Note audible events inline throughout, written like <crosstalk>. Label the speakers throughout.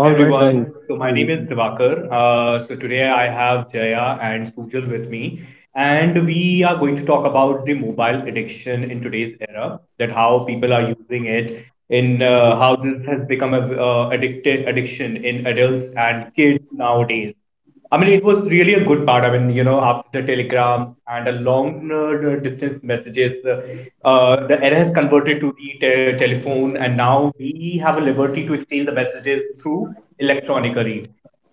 Speaker 1: Hi everyone. So my name
Speaker 2: All
Speaker 1: is
Speaker 2: right, guys.
Speaker 1: Divakar.
Speaker 2: Mm.
Speaker 1: So today I have Jaya and Sujal with me, and we are going to talk about the mobile addiction in today's era. That how people are using it, in how this has become a addicted addiction in adults and kids nowadays. I mean, it was really a good part. I mean, you know, after the telegrams and the long distance messages, the era has converted to the telephone, and now we have a liberty to exchange the messages through electronic read.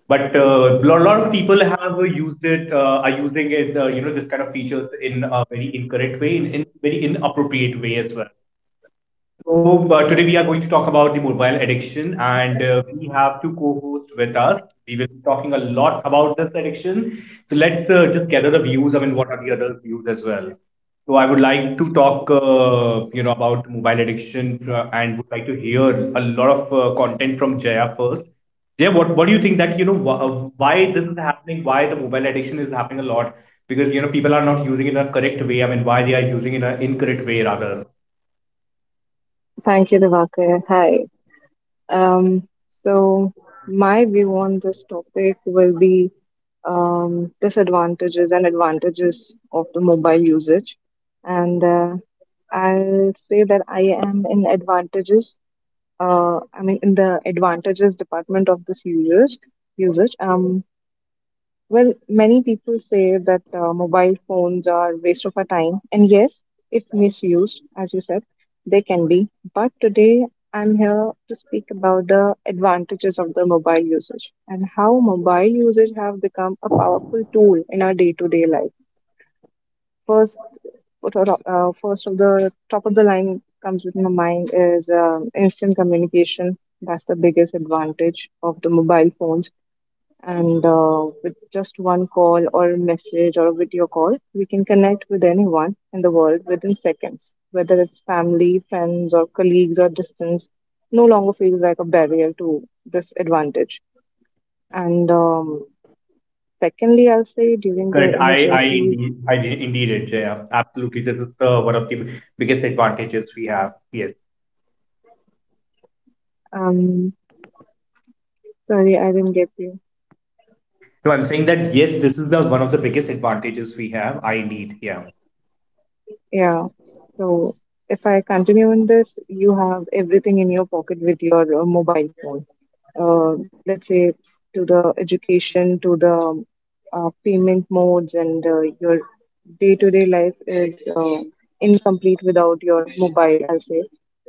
Speaker 1: But a lot, lot of people have are using it, this kind of features in a very incorrect way, in very inappropriate way as well. So, today we are going to talk about the mobile addiction, and we have two co hosts with us. We will be talking a lot about this addiction. So, let's just gather the views. I mean, what are the other views as well? So, I would like to talk, about mobile addiction and would like to hear a lot of content from Jaya first. Jaya, what do you think that, you know, why this is happening, why the mobile addiction is happening a lot? Because, you know, people are not using it in a correct way. I mean, why they are using it in an incorrect way rather.
Speaker 3: Thank you, Divakar. Hi. Um, so, my view on this topic will be disadvantages and advantages of the mobile usage. And I'll say that I am in advantages, I mean, in the advantages department of this users, usage. Well, many people say that mobile phones are waste of our time, and yes, if misused, as you said, they can be. But today, I'm here to speak about the advantages of the mobile usage and how mobile usage have become a powerful tool in our day-to-day life. First, first of the top of the line comes with my mind is instant communication. That's the biggest advantage of the mobile phones, and with just one call or a message or a video call, we can connect with anyone in the world within seconds, whether it's family, friends, or colleagues, or distance no longer feels like a barrier to this advantage. And secondly, I'll say, during the
Speaker 1: Correct. I
Speaker 3: emergencies.
Speaker 1: indeed, indeed it. Yeah, absolutely. This is one of the biggest advantages we have. Yes.
Speaker 3: um, Sorry, I didn't get you.
Speaker 1: No, I'm saying that yes, this is the one of the biggest advantages we have. I indeed. Yeah.
Speaker 3: Yeah. So if I continue in this, you have everything in your pocket with your mobile phone. Let's say, to the education, to the payment modes, and your day-to-day life is incomplete without your mobile, I'll say.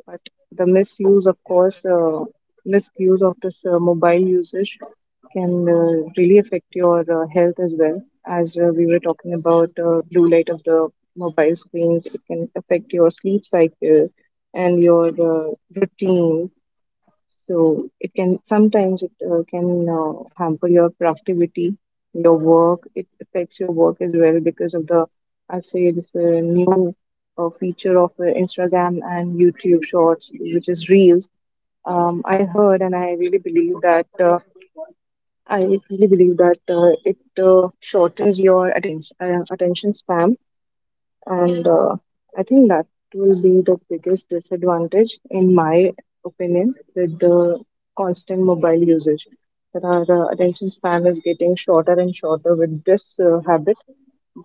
Speaker 3: But the misuse, of course, misuse of this mobile usage can really affect your health as well. As we were talking about blue light of the mobile screens, it can affect your sleep cycle and your routine. So it can sometimes, it can hamper your productivity, your work. It affects your work as well because of the, I say, this new feature of Instagram and YouTube Shorts, which is Reels. I heard, and I really believe that it shortens your attention span. And I think that will be the biggest disadvantage in my opinion with the constant mobile usage, that our attention span is getting shorter and shorter with this habit.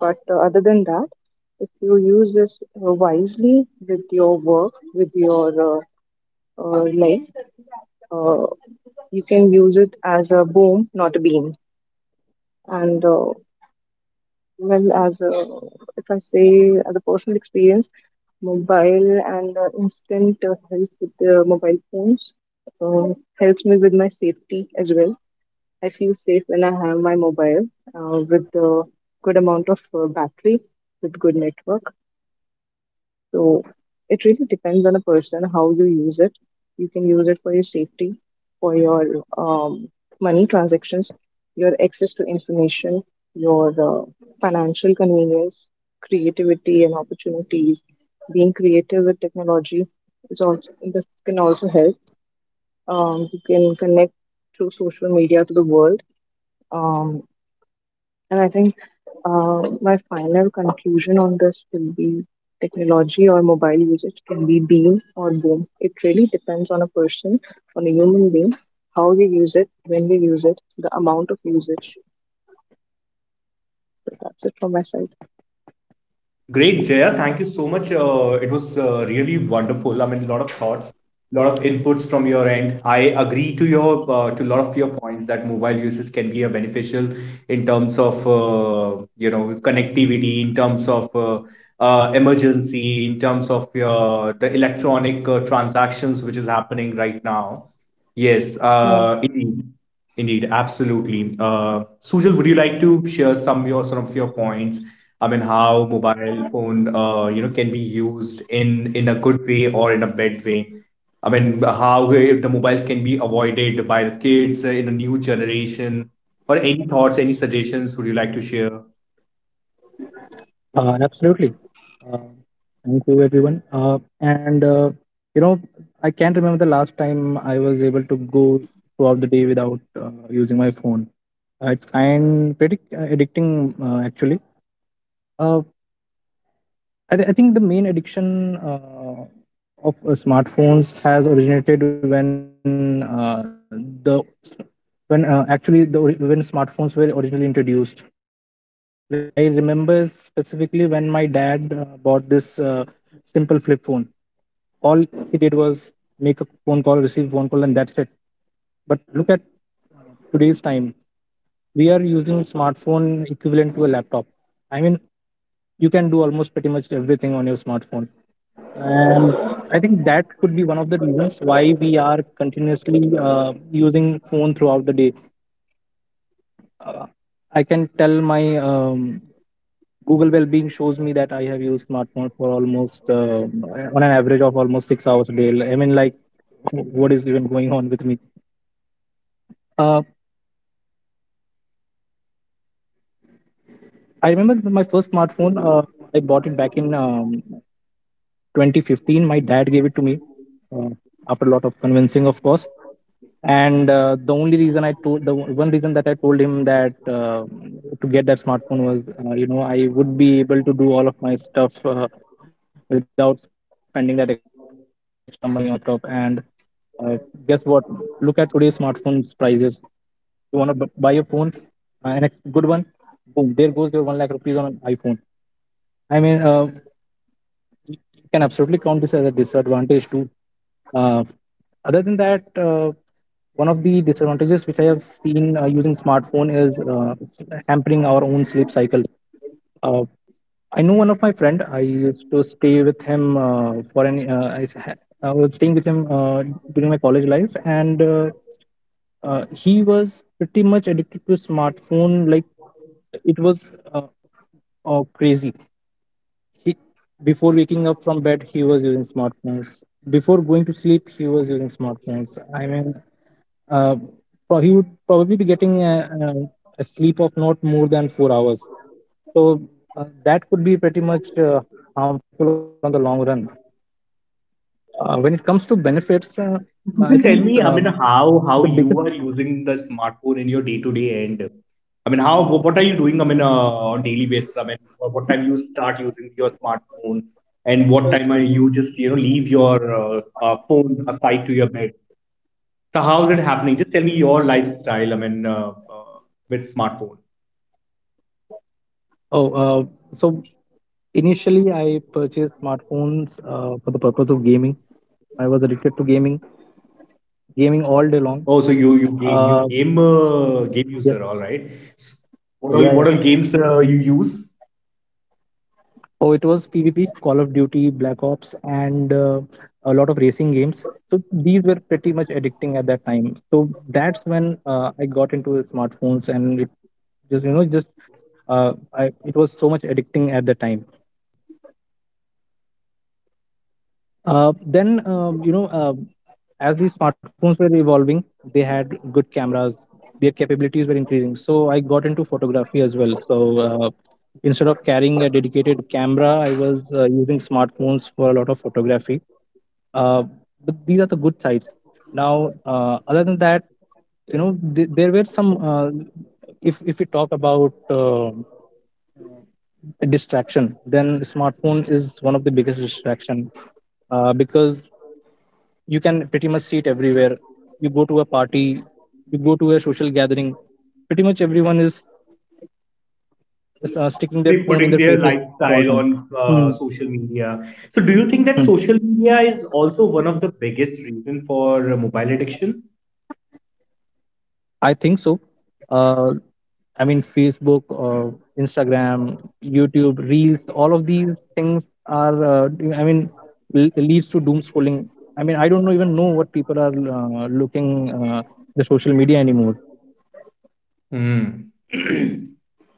Speaker 3: But other than that, if you use this wisely, with your work, with your life, uh, you can use it as a boom not a beam. And well, as a, if I say, as a personal experience, mobile and instant help with the mobile phones uh, helps me with my safety as well. I feel safe when I have my mobile with a good amount of battery, with good network. So it really depends on a person how you use it. You can use it for your safety, for your money transactions, your access to information, your financial convenience, creativity and opportunities. Being creative with technology is also this can also help. You can connect through social media to the world. Um, and I think my final conclusion on this will be, technology or mobile usage can be beam or boom. It really depends on a person, on a human being, how you use it, when you use it, the amount of usage. So that's it from my side.
Speaker 1: Great, Jaya. Thank you so much. It was really wonderful. I mean, a lot of thoughts, a lot of inputs from your end. I agree to a lot of your points that mobile uses can be a beneficial in terms of connectivity, in terms of emergency, in terms of your the electronic transactions which is happening right now. Yes,
Speaker 3: Yes.
Speaker 1: indeed, absolutely. Sujal, would you like to share some of your points? I mean, how mobile phone, can be used in a good way or in a bad way. I mean, how the mobiles can be avoided by the kids in a new generation, or any thoughts, any suggestions would you like to share?
Speaker 2: Absolutely. Uh, Thank you, everyone. And you know, I can't remember the last time I was able to go throughout the day without using my phone. It's kind pretty addicting, actually. Uh, I think the main addiction of smartphones has originated when the when actually the ori- when smartphones were originally introduced. Like, I remember specifically when my dad bought this simple flip phone. All he did was make a phone call, receive phone call, and that's it. But look at today's time, we are using smartphone equivalent to a laptop. I mean, you can do almost pretty much everything on your smartphone, and I think that could be one of the reasons why we are continuously uh, using phone throughout the day. Uh, I can tell my Google Wellbeing shows me that I have used smartphone for almost on an average of almost 6 hours a day. I mean, like, what is even going on with me? Uh, I remember my first smartphone. I bought it back in 2015. My dad gave it to me uh, after a lot of convincing, of course. And the only reason I told, the one reason that I told him that to get that smartphone was I would be able to do all of my stuff without spending that extra money on the laptop. And uh, guess what? Look at today's smartphones prices. You want to buy a phone, good one, boom, there goes your 1 lakh rupees on an iPhone. I mean, you can absolutely count this as a disadvantage too. uh, Other than that, one of the disadvantages which I have seen using smartphone is hampering our own sleep cycle. Uh, I know one of my friend. I used to stay with him for any. I was staying with him during my college life, and he was pretty much addicted to smartphone. Like, it was crazy. He Before waking up from bed, he was using smartphones. Before going to sleep, he was using smartphones. I mean, uh, he would probably be getting a sleep of not more than 4 hours. So that could be pretty much harmful on the long run. When it comes to benefits, I think
Speaker 1: Sujal, tell me, I mean,
Speaker 2: the biggest.
Speaker 1: how you are using the smartphone in your day to day. And, I mean, how what are you doing? I mean, on daily basis. I mean, what time you start using your smartphone, and what time are you just leave your phone aside to your bed? So how's it happening? Just tell me your lifestyle. I mean, with smartphone.
Speaker 2: Oh, so initially I purchased smartphones for the purpose of gaming. I was addicted to gaming, gaming all day long.
Speaker 1: Oh, so you
Speaker 2: Uh, yes,
Speaker 1: game user, all right. S-
Speaker 2: yeah, yeah.
Speaker 1: what all games you use?
Speaker 2: Oh, it was PvP, Call of Duty, Black Ops, and a lot of racing games. So these were pretty much addicting at that time. So that's when I got into smartphones, and it just you know just it was so much addicting at the time. Then you know As these smartphones were evolving, they had good cameras. Their capabilities were increasing. So I got into photography as well. So instead of carrying a dedicated camera, I was using smartphones for a lot of photography. uh, but these are the good sides. Now, other than that, there were some if we talk about distraction, then smartphone is one of the biggest distraction because you can pretty much see it everywhere. You go to a party, you go to a social gathering. Pretty much everyone is sticking their
Speaker 1: They
Speaker 2: phone in
Speaker 1: putting
Speaker 2: their
Speaker 1: their
Speaker 2: faces at all
Speaker 1: lifestyle
Speaker 2: times.
Speaker 1: on
Speaker 2: Hmm.
Speaker 1: social media. So do you think that
Speaker 2: Hmm.
Speaker 1: social media is also one of the biggest reason for mobile addiction?
Speaker 2: I think so. uh, I mean, Facebook, Instagram, YouTube, Reels, all of these things are, I mean, leads to doom scrolling. I mean, I don't know even know what people are looking the social media anymore.
Speaker 1: Mm. <clears throat>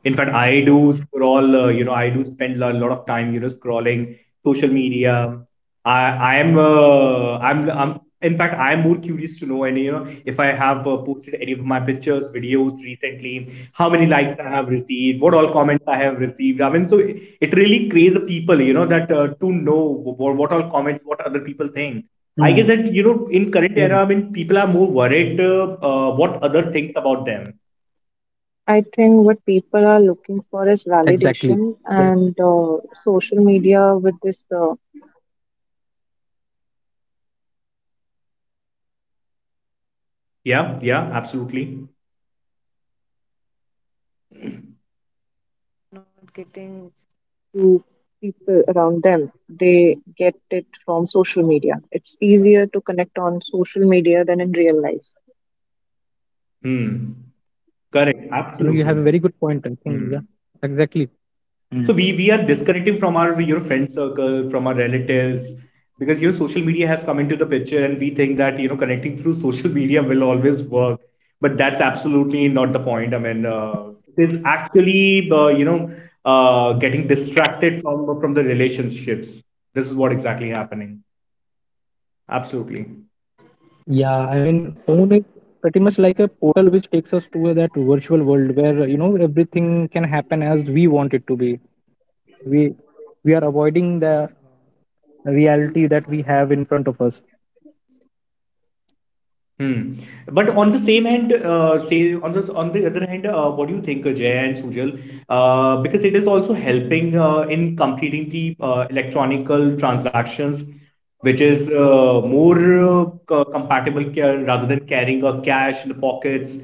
Speaker 1: In fact, I do scroll, I do spend a lot of time, scrolling social media. I I am I'm in fact I am more curious to know. And if I have posted any of my pictures, videos recently, how many likes I have received, what all comments I have received. I mean, so it really creates the people, that to know what all comments, what other people
Speaker 2: Mm,
Speaker 1: think. I guess that
Speaker 2: yeah.
Speaker 1: in current era, I mean, people are more worried what other thinks about them.
Speaker 3: I
Speaker 2: Exactly.
Speaker 3: think what
Speaker 2: Yeah.
Speaker 3: people are looking for is validation, and social media with this.
Speaker 1: Yeah, yeah, absolutely.
Speaker 3: To people around them. They get it from social media. It's easier to connect on social media than in real life.
Speaker 1: Hmm.
Speaker 2: You know, you have a
Speaker 1: Correct,
Speaker 2: very good point.
Speaker 1: absolutely.
Speaker 2: I think. Yeah.
Speaker 1: Hmm.
Speaker 2: Exactly. Mm.
Speaker 1: So we are disconnecting from our your friend circle, from our relatives, because your social media has come into the picture, and we think that connecting through social media will always work, but that's absolutely not the point. I mean, it is actually getting distracted from the relationships. This is what exactly happening.
Speaker 2: Yeah, I mean, phone
Speaker 1: Absolutely.
Speaker 2: is pretty much like a portal which takes us to that virtual world where you know everything can happen as we want it to be. We we are avoiding the reality that we have in front of us.
Speaker 1: Hmm. But on the same hand, say, on the other hand, what do you think, Jay and Sujal? Because it is also helping in completing the electronical transactions, which is more compatible rather than carrying a cash in the pockets.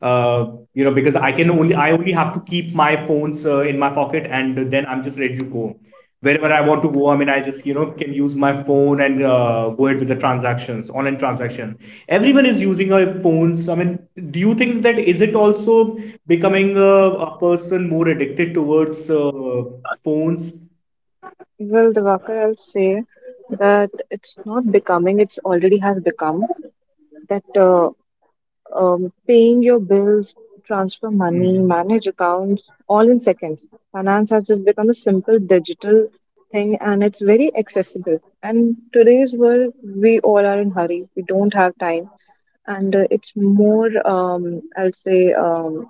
Speaker 1: Uh, because I only have to keep my phones in my pocket, and then I'm just ready to go wherever I want to go. I mean, I just can use my phone and go ahead with the transactions, online transactions. Everyone is using our phones. I mean, do you think that is it also becoming a person more addicted towards phones?
Speaker 3: Well, Diwakar, I'll say that it's not becoming, it's already has become, that paying your bills, transfer money,
Speaker 1: Hmm.
Speaker 3: manage accounts, all in seconds. Finance has just become a simple digital thing, and it's very accessible. And today's world, we all are in hurry. We don't have time, and it's more. I'll say.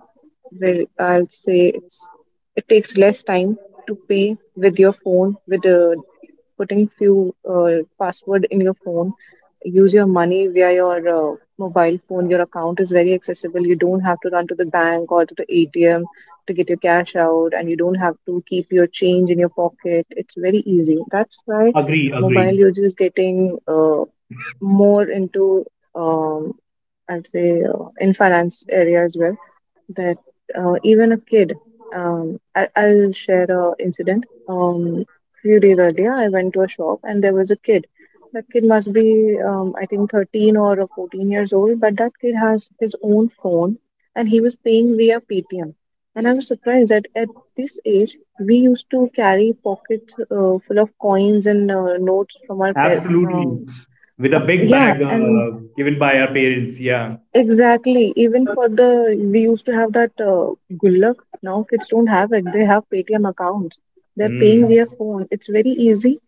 Speaker 3: Very, I'll say it's. It takes less time to pay with your phone, with a putting few password in your phone. Use your money via your mobile phone. Your account is very accessible. You don't have to run to the bank or to the ATM to get your cash out, and you don't have to keep your change in your pocket. It's very easy. That's why
Speaker 1: Agree, agree,
Speaker 3: mobile usage is getting more into, um, I'd say, in finance area as well, that even a kid, I'll share a incident. Few days earlier, I went to a shop and there was a kid. That kid must be, I think, 13 or 14 years old, but that kid has his own phone, and he was paying via Paytm. And I was surprised that at this age we used to carry pockets full of coins and notes from our
Speaker 1: absolutely, with a big
Speaker 3: yeah,
Speaker 1: bag
Speaker 3: and
Speaker 1: given by our parents. Yeah.
Speaker 3: exactly. Even for the, we used to have that Gullak. Now kids don't have it. They have Paytm accounts. They're paying
Speaker 1: Hmm.
Speaker 3: via phone. It's very easy,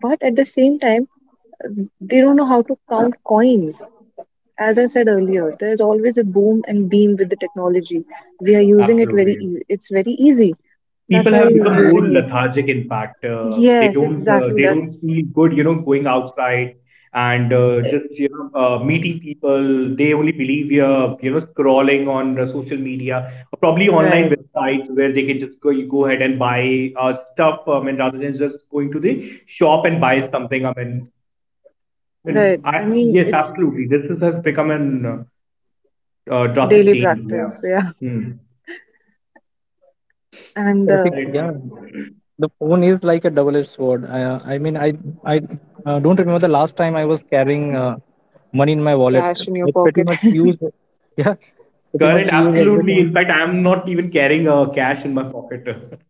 Speaker 3: but at the same time, they don't know how to count coins. As I said earlier, there's always a boom and beam with the technology. We are using it very.
Speaker 1: Absolutely,
Speaker 3: It's very easy. That's
Speaker 1: people
Speaker 3: why
Speaker 1: have
Speaker 3: we're
Speaker 1: become more
Speaker 3: using it.
Speaker 1: lethargic. In fact,
Speaker 3: Yes, exactly.
Speaker 1: they don't
Speaker 3: That's
Speaker 1: feel good, going outside and
Speaker 3: eh,
Speaker 1: just meeting people. They only believe, scrolling on the social media, or probably online
Speaker 3: right.
Speaker 1: websites where they can just go you go ahead and buy stuff, and rather than just going to the shop and buy something. I mean,
Speaker 3: Right. I mean,
Speaker 1: yes,
Speaker 3: it's
Speaker 1: absolutely, this has become an drastic
Speaker 3: daily
Speaker 1: change. Yeah.
Speaker 3: practice. Yeah,
Speaker 1: Hmm.
Speaker 3: <laughs> and
Speaker 2: I think, yeah,
Speaker 1: Correct.
Speaker 2: the phone is like a double-edged sword. I mean, I don't remember the last time I was carrying money in my wallet.
Speaker 3: cash in your
Speaker 2: I pretty
Speaker 3: pocket.
Speaker 2: much use, yeah, pretty much
Speaker 1: Current,
Speaker 2: use
Speaker 1: absolutely.
Speaker 2: everything.
Speaker 1: In fact, I'm not even carrying cash in my pocket. <laughs>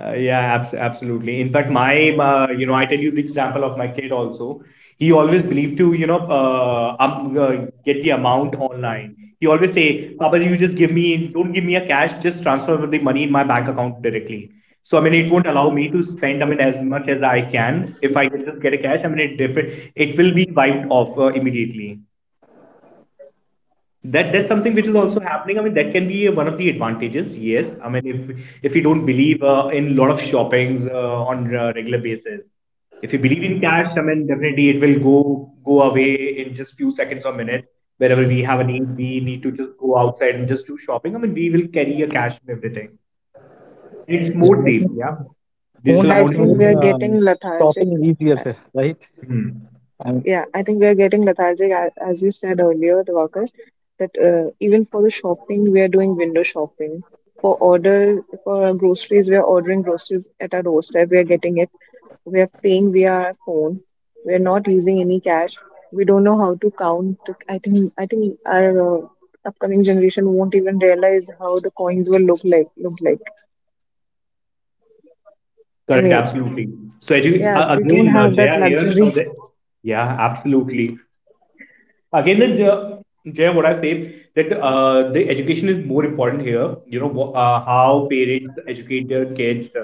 Speaker 1: Yeah, abs- absolutely. In fact, I tell you the example of my kid also. He always believed to, get the amount online. He always say, Papa, you just give me, don't give me a cash, just transfer the money in my bank account directly. So, I mean, it won't allow me to spend, I mean, as much as I can. If I can just get a cash, I mean, it, def- it will be wiped off immediately. That that's something which is also happening. I mean, that can be one of the advantages. Yes, I mean, if you don't believe in lot of shoppings on a regular basis. If you believe in cash, I mean, definitely it will go away in just few seconds or minutes. Wherever we have a need, we need to just go outside and just do shopping. I mean, we will carry a cash and everything. It's
Speaker 2: Yeah,
Speaker 1: more
Speaker 2: I
Speaker 1: safe.
Speaker 2: think
Speaker 1: Yeah,
Speaker 2: phone
Speaker 1: digital
Speaker 3: I
Speaker 2: has
Speaker 1: amount is
Speaker 3: think
Speaker 1: more
Speaker 3: we
Speaker 2: made
Speaker 3: are
Speaker 1: safe.
Speaker 3: getting lethargic.
Speaker 2: shopping easier,
Speaker 3: Uh,
Speaker 2: <laughs> right?
Speaker 1: Hmm.
Speaker 2: And
Speaker 3: Yeah, I think we are getting lethargic, as you said earlier, the workers, that even for the shopping, we are doing window shopping. For order, for our groceries, we are ordering groceries at our doorstep. We are getting it. We are paying via our phone. We are not using any cash. We don't know how to count. I think our upcoming generation won't even realize how the coins will look like. Look like. I
Speaker 1: Correct,
Speaker 3: mean,
Speaker 1: absolutely. So
Speaker 3: yeah, they don't
Speaker 1: again,
Speaker 3: have that
Speaker 1: Jaya, here,
Speaker 3: luxury.
Speaker 1: yeah, absolutely, again that Jay, what I say that the education is more important here. You know, how parents educate their kids,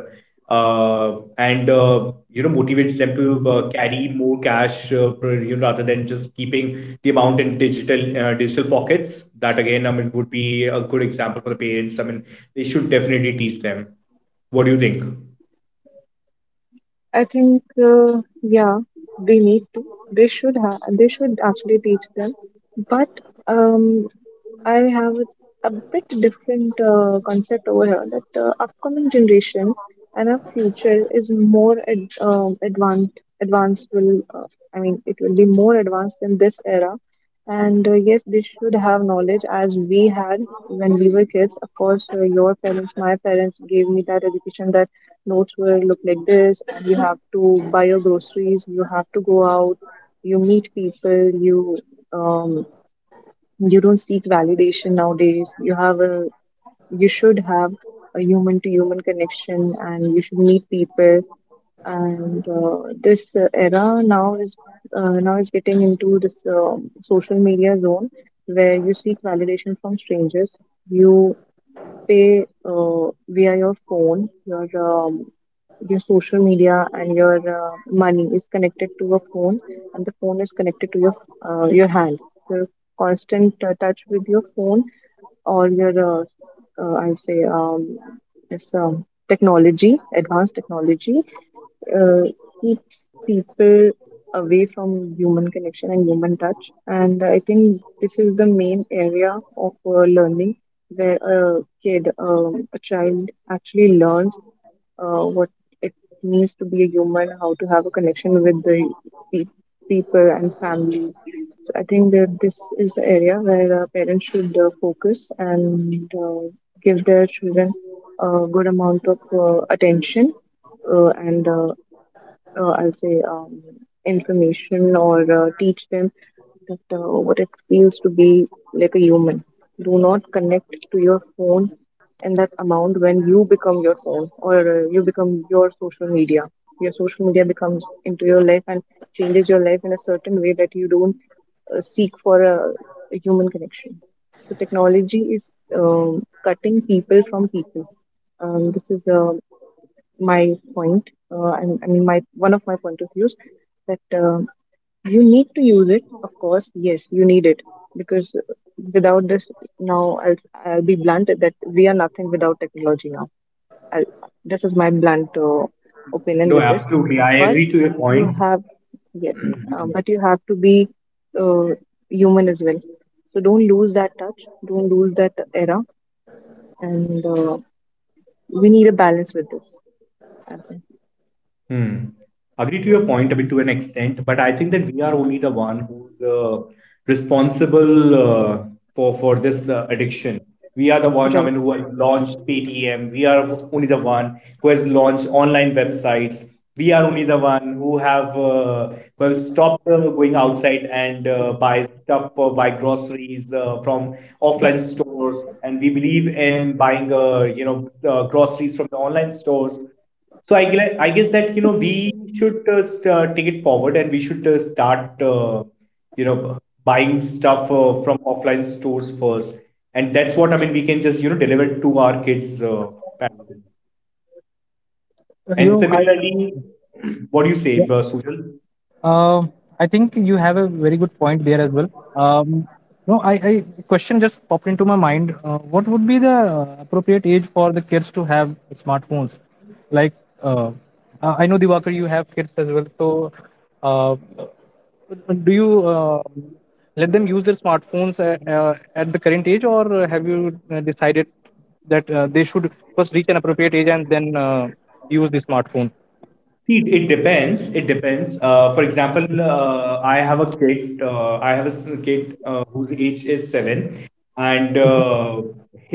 Speaker 1: uh, and motivates them to carry more cash, rather than just keeping the amount in digital pockets. That again, I mean, would be a good example for the parents. I mean, they should definitely teach them. What do you think?
Speaker 3: I think, yeah, they need to. They should have. They should actually teach them. But um, I have a bit different concept over here, that upcoming generation and our future is more advanced. I mean, it will be more advanced in this era. And yes, they should have knowledge as we had when we were kids. Of course, your parents, my parents gave me that education, that notes will look like this, and you have to buy your groceries, you have to go out, you meet people, you um, you don't seek validation nowadays. You should have a human to human connection, and you should meet people. And this era now is getting into this social media zone, where you seek validation from strangers. You pay via your phone, your social media, and your money is connected to a phone, and the phone is connected to your hand. Your constant touch with your phone, or your uh, I'll say, it's, technology, advanced technology uh, keeps people away from human connection and human touch. And I think this is the main area of learning, where a child actually learns what it means to be a human, how to have a connection with the pe- people and family. I think that this is the area where parents should focus and give their children a good amount of attention, and I'll say, information, or teach them that what it feels to be like a human. Do not connect to your phone in that amount when you become your phone, or you become your social media. Your social media becomes into your life and changes your life in a certain way that you don't seek for a human connection. So technology is cutting people from people. This is a my point, I mean, my one of my point of views, that you need to use it. Of course, yes, you need it, because without this, now I'll be blunt that we are nothing without technology now. I'll, this is my blunt opinion
Speaker 1: No,
Speaker 3: with this,
Speaker 1: absolutely. I
Speaker 3: but
Speaker 1: agree to your
Speaker 3: you
Speaker 1: point.
Speaker 3: have yes,
Speaker 1: <clears throat>
Speaker 3: but you have to be uh, human as well. So don't lose that touch. Don't lose that era, and we need a balance with this. That's it.
Speaker 1: Hmm. Agree to your point, I mean, to an extent, but I think that we are only the one who's responsible for this addiction. We are the one, I
Speaker 3: Right.
Speaker 1: mean, who has launched Paytm. We are only the one who has launched online websites. We are only the one who have stopped going outside and buy stuff or buy groceries from offline stores, and we believe in buying groceries from the online stores. So I guess that we should take it forward, and we should start you know buying stuff from offline stores first, and that's what I mean. We can just deliver it to our kids. Family.
Speaker 2: you
Speaker 1: And
Speaker 2: know,
Speaker 1: similarly,
Speaker 2: I
Speaker 1: what do you say, Sujan?
Speaker 2: Um, I think you have a very good point there as well. Um, no, I question just popped into my mind. What would be the appropriate age for the kids to have smartphones? Like, uh, I know, Diwakar, you have kids as well. So, uh, do you let them use their smartphones at the current age, or have you decided that they should first reach an appropriate age and then use the smartphone?
Speaker 1: See, it depends. It depends. For example, I have a kid. I have a kid whose age is 7, and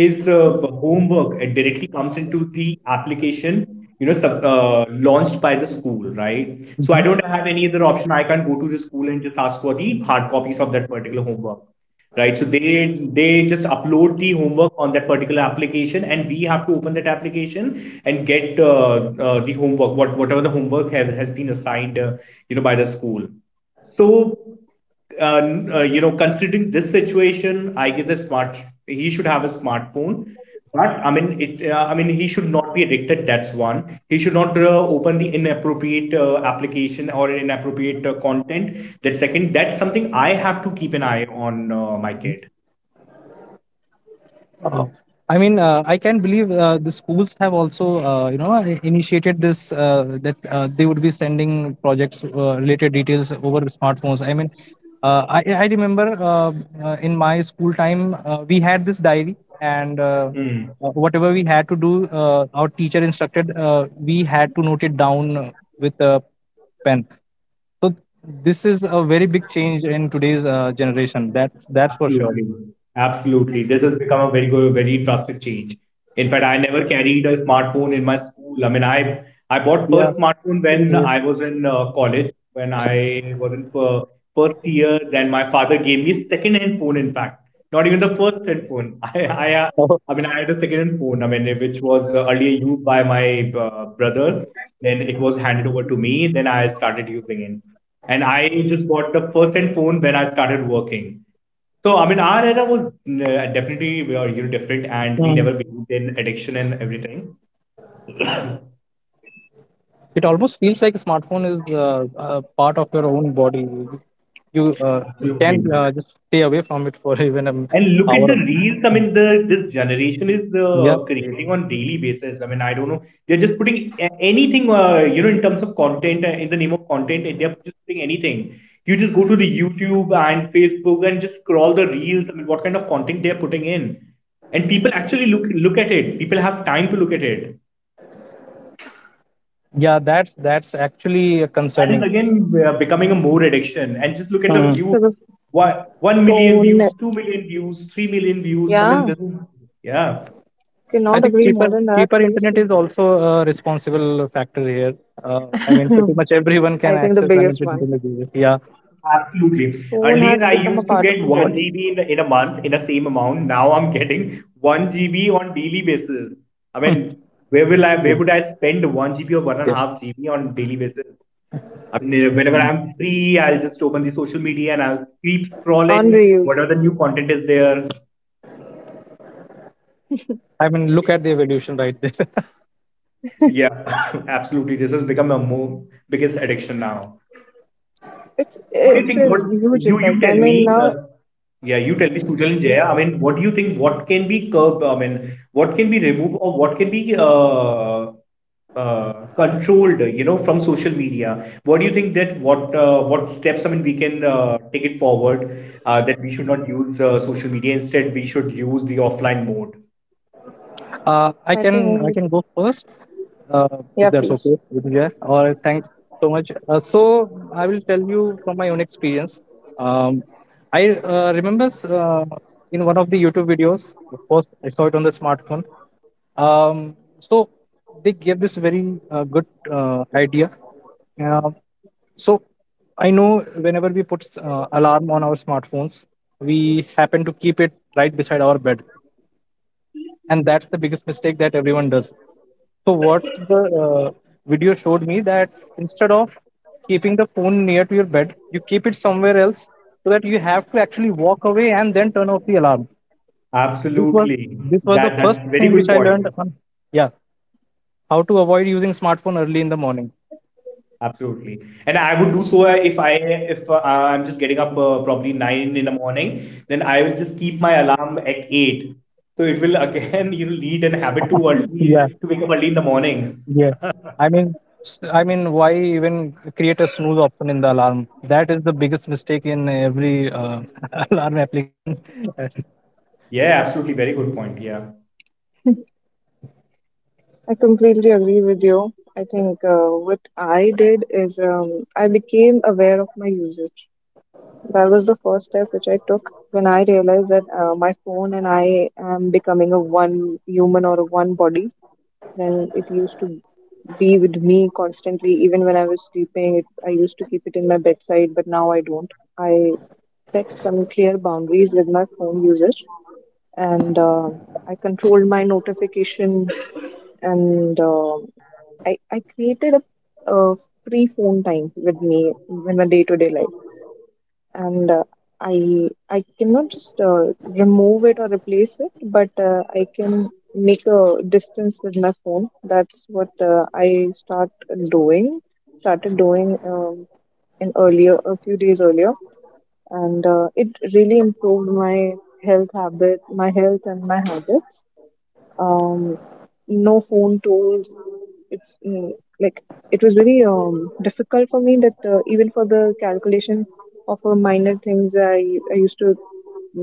Speaker 1: his homework directly comes into the application. You know, launched by the school, right? So I don't have any other option. I can't go to the school and just ask for the hard copies of that particular homework, right? So they just upload the homework on that particular application, and we have to open that application and get the homework whatever the homework has been assigned, by the school. So uh, considering this situation, I guess a smart he should have a smartphone. But I mean he should not be addicted. That's one. He should not open the inappropriate application or inappropriate content. That second. That's something I have to keep an eye on, my kid.
Speaker 2: Uh, I mean, I can believe the schools have also, initiated this that they would be sending projects related details over smartphones. I mean, I remember in my school time, we had this diary, and
Speaker 1: Mm.
Speaker 2: whatever we had to do, our teacher instructed, we had to note it down with a pen. So this is a very big change in today's generation. That's for sure.
Speaker 1: Absolutely. Absolutely. This has become a very good, very drastic change. In fact, I never carried a smartphone in my school. I mean, I bought
Speaker 2: Yeah,
Speaker 1: first smartphone
Speaker 2: same
Speaker 1: when
Speaker 2: here.
Speaker 1: I was in college, when I was in first year. Then my father gave me second hand phone. In fact, not even the first hand phone. <laughs> I mean, I had a second hand phone. I mean, which was earlier used by my brother. Then it was handed over to me. Then I started using it. And I just bought the first hand phone when I started working. So I mean, our era was definitely we are, you know, different, and we never
Speaker 2: <laughs>
Speaker 1: believed in addiction and everything.
Speaker 2: It almost feels like a smartphone is a part of your own body. You can't
Speaker 1: Absolutely.
Speaker 2: just stay away from it for <laughs> even an
Speaker 1: And look at
Speaker 2: hour.
Speaker 1: the
Speaker 2: Or
Speaker 1: reels. I
Speaker 2: two.
Speaker 1: mean, the this generation is
Speaker 2: Yeah,
Speaker 1: creating on daily basis. I mean, I don't know. They're just putting anything, you know, in terms of content. In the name of content, they're just putting anything. You just go to the YouTube and Facebook and just scroll the reels. I mean, what kind of content they're putting in, and people actually look at it. People have time to look at it.
Speaker 2: yeah, that's actually
Speaker 1: That is
Speaker 2: concerning.
Speaker 1: again becoming a more addiction. And just look at the
Speaker 2: Mm.
Speaker 1: views.
Speaker 3: So the
Speaker 1: One, 1 million
Speaker 3: So,
Speaker 1: views, 2 million views, 3 million views. I mean,
Speaker 3: yeah,
Speaker 1: this is, yeah,
Speaker 2: I
Speaker 3: cannot
Speaker 2: think
Speaker 3: agree
Speaker 2: cheaper
Speaker 3: more than that,
Speaker 2: cheaper internet
Speaker 3: seriously.
Speaker 2: is also a responsible factor here. I mean, pretty much
Speaker 3: <laughs>
Speaker 2: everyone can
Speaker 3: I think the
Speaker 2: access
Speaker 3: biggest
Speaker 2: unlimited
Speaker 3: one.
Speaker 2: internet. Yeah,
Speaker 1: absolutely.
Speaker 3: Phone
Speaker 1: Earlier,
Speaker 3: has
Speaker 1: I
Speaker 3: become a
Speaker 1: used to
Speaker 3: part of
Speaker 1: get
Speaker 3: a
Speaker 1: 1
Speaker 3: body
Speaker 1: GB in in a month in the same amount. Now I'm getting 1 GB on daily basis. I mean,
Speaker 2: yeah,
Speaker 1: where would I spend 1 GB or
Speaker 2: yeah.
Speaker 1: 1.5 GB on daily basis? I mean, whenever I'm free, I'll just open the social media and I'll keep
Speaker 3: on
Speaker 1: scrolling,
Speaker 3: reels.
Speaker 1: whatever the new content is there.
Speaker 2: I mean, look at the evolution right there.
Speaker 1: Yeah, <laughs> absolutely. This has become a more biggest addiction now.
Speaker 3: It's
Speaker 1: What do you
Speaker 3: it's
Speaker 1: think?
Speaker 3: a
Speaker 1: What
Speaker 3: huge
Speaker 1: You
Speaker 3: effect. I
Speaker 1: tell me?
Speaker 3: mean, now,
Speaker 1: Yeah, you tell me, Sujal and
Speaker 3: yeah,
Speaker 1: Jaya. I mean, what do you think? What can be curbed? I mean, what can be removed or what can be uh, controlled? You know, from social media. What do you think that what steps? I mean, we can take it forward. That we should not use social media. Instead, we should use the offline mode.
Speaker 2: I
Speaker 3: I
Speaker 2: can
Speaker 3: think.
Speaker 2: I can go first, uh, if
Speaker 3: Yeah,
Speaker 2: that's
Speaker 3: please.
Speaker 2: okay with you. Yeah. All right, thanks so much. So I will tell you from my own experience. Um, I remember in one of the YouTube videos, of course, I saw it on the smartphone. So they gave this very good idea. Uh, so I know whenever we put alarm on our smartphones, we happen to keep it right beside our bed, and that's the biggest mistake that everyone does. So what the video showed me that instead of keeping the phone near to your bed, you keep it somewhere else so that you have to actually walk away and then turn off the alarm. This was
Speaker 1: Absolutely.
Speaker 2: this was the
Speaker 1: That
Speaker 2: first
Speaker 1: that's a very
Speaker 2: thing which
Speaker 1: good
Speaker 2: I learned
Speaker 1: point.
Speaker 2: on, yeah, how to avoid using smartphone early in the morning.
Speaker 1: Absolutely. And I would do so if I'm just getting up, probably 9 in the morning, then I will just keep my alarm at 8. So it will again, <laughs> you know, lead and habit to
Speaker 2: Yeah,
Speaker 1: early to wake up early in the morning.
Speaker 2: yeah. I mean, I mean, why even create a snooze option in the alarm? That is the biggest mistake in every <laughs> alarm application.
Speaker 1: Yeah, absolutely. Very good point. Yeah,
Speaker 3: I completely agree with you. I think what I did is, I became aware of my usage. That was the first step which I took when I realized that my phone and I am becoming a one human or a one body when it used to be with me constantly. Even when I was sleeping, I used to keep it in my bedside, but now I don't. I set some clear boundaries with my phone usage, and I controlled my notification, and I created a free phone time with me in my day to day life and I cannot just remove it or replace it, but I can make a distance with my phone. That's what doing, started doing in earlier a few days earlier, and it really improved my my health and my habits. Um, no phone tools, it's like it was very difficult for me that even for the calculation of minor things I used to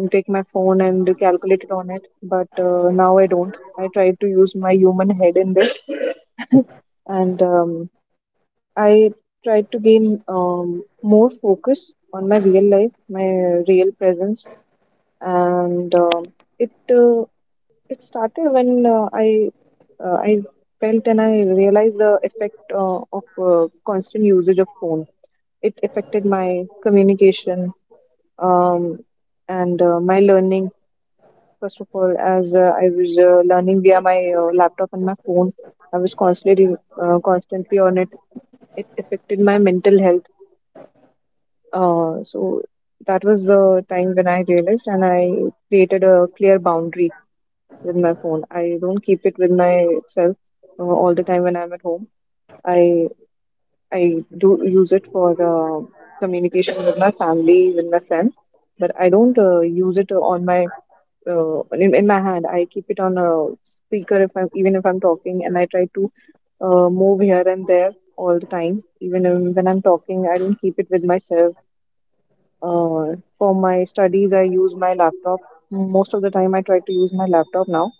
Speaker 3: take my phone and calculate it on it but now I don't. I try to use my human head in this and I try to gain more focus on my real life, my real presence, and uh, it started when I felt and I realized the effect of constant usage of phone. It affected my communication um, and my learning. First of all, as I was learning via my laptop and my phone, I was constantly on it. It affected my mental health. So that was the time when I realized and I created a clear boundary with my phone. I don't keep it with myself all the time when I'm at home. I I do use it for communication with my family, with my friends, but I don't use it on my in my hand. I keep it on a speaker if I'm, even if I'm talking, and I try to move here and there all the time. Even when I'm talking, I don't keep it with myself. For my studies, I use my laptop. Most of the time, I try to use my laptop now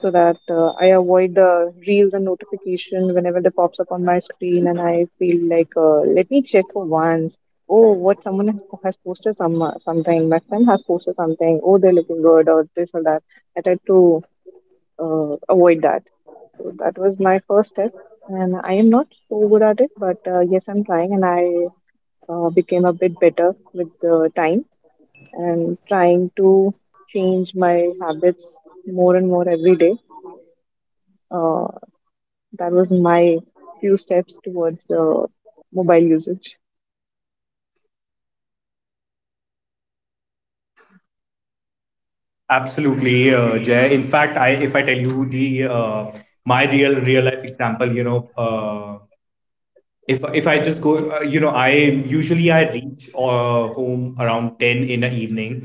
Speaker 3: so that I avoid the reels and notification whenever they pops up on my screen, and I feel like, let me check for once. Oh, what someone has posted something. My friend has posted something. Oh, they're looking good or this or that. I try to avoid that. So that was my first step, and I am not so good at it, but yes, I'm trying, and I became a bit better with the time and trying to change my habits more and more every day. Uh, that was my few steps towards mobile usage.
Speaker 1: absolutely, Jay. In fact, I if I tell you the, my real life example, you know, if I just go, you know, I usually I reach home around 10 in the evening,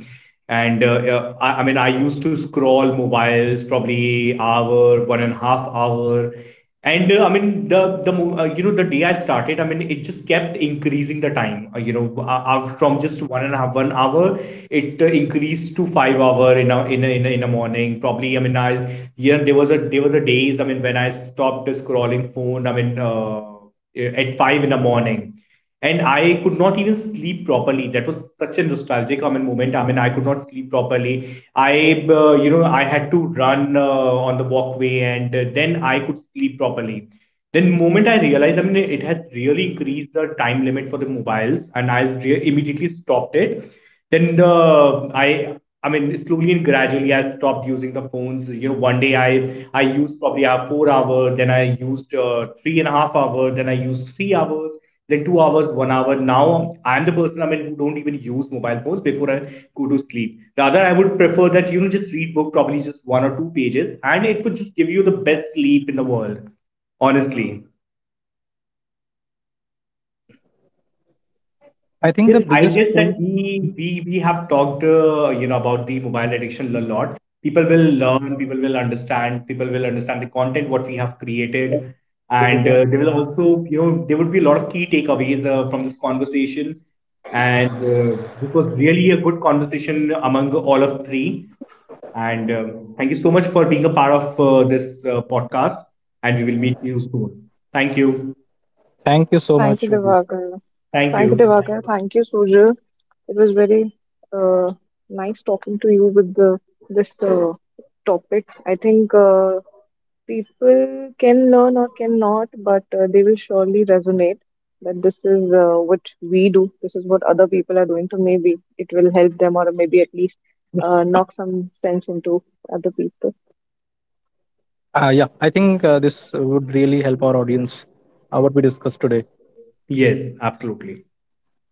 Speaker 1: and I mean I used to scroll mobiles probably hour, 1.5 hour, and I mean you know the day I started, I mean it just kept increasing the time. From just one and a half 1 hour, it increased to 5 hour in a morning. Probably, I mean I yeah there was a there were the days I mean when I stopped scrolling phone. I mean. At 5 in the morning. And I could not even sleep properly. That was such a nostalgic, I mean, moment. I mean, I could not sleep properly. You know, I had to run on the walkway, and then I could sleep properly. Then moment I realized, I mean, it has really increased the time limit for the mobiles, and immediately stopped it. Then I mean, slowly and gradually, I stopped using the phones. You know, one day I used probably a 4 hour, then I used 3.5 hour, then I used 3 hours, then 2 hours, 1 hour. Now I'm the person I mean who don't even use mobile phones before I go to sleep. Rather, I would prefer that, you know, just read book probably just one or two pages, and it would just give you the best sleep in the world. Honestly.
Speaker 2: <laughs> I think the
Speaker 1: Yes, I
Speaker 2: biggest
Speaker 1: guess that
Speaker 2: proof.
Speaker 1: we have talked, you know, about the mobile addiction a lot. People will learn, people will understand the content what we have created, and they will also, you know, there would be a lot of key takeaways from this conversation. And this was really a good conversation among all of three. And thank you so much for being a part of this podcast. And we will meet you soon. Thank you.
Speaker 2: Thank you so
Speaker 3: Thank
Speaker 2: much.
Speaker 3: you, Divakar.
Speaker 1: Thank
Speaker 3: Thank you,
Speaker 1: you.
Speaker 3: Divakar. Thank you, Sujal. It was very uh, nice talking to you with this topic. I think people can learn or cannot, but they will surely resonate that this is what we do, this is what other people are doing. So maybe it will help them, or maybe at least knock some sense into other people.
Speaker 2: Yeah, I think this would really help our audience, what we discussed today.
Speaker 1: Yes, absolutely.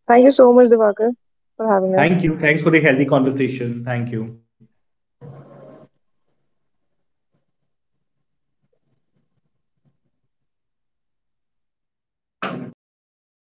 Speaker 3: Thank you so much, Divakar, for having
Speaker 1: Thank you.
Speaker 3: us.
Speaker 1: Thanks for the healthy conversation. Thank you.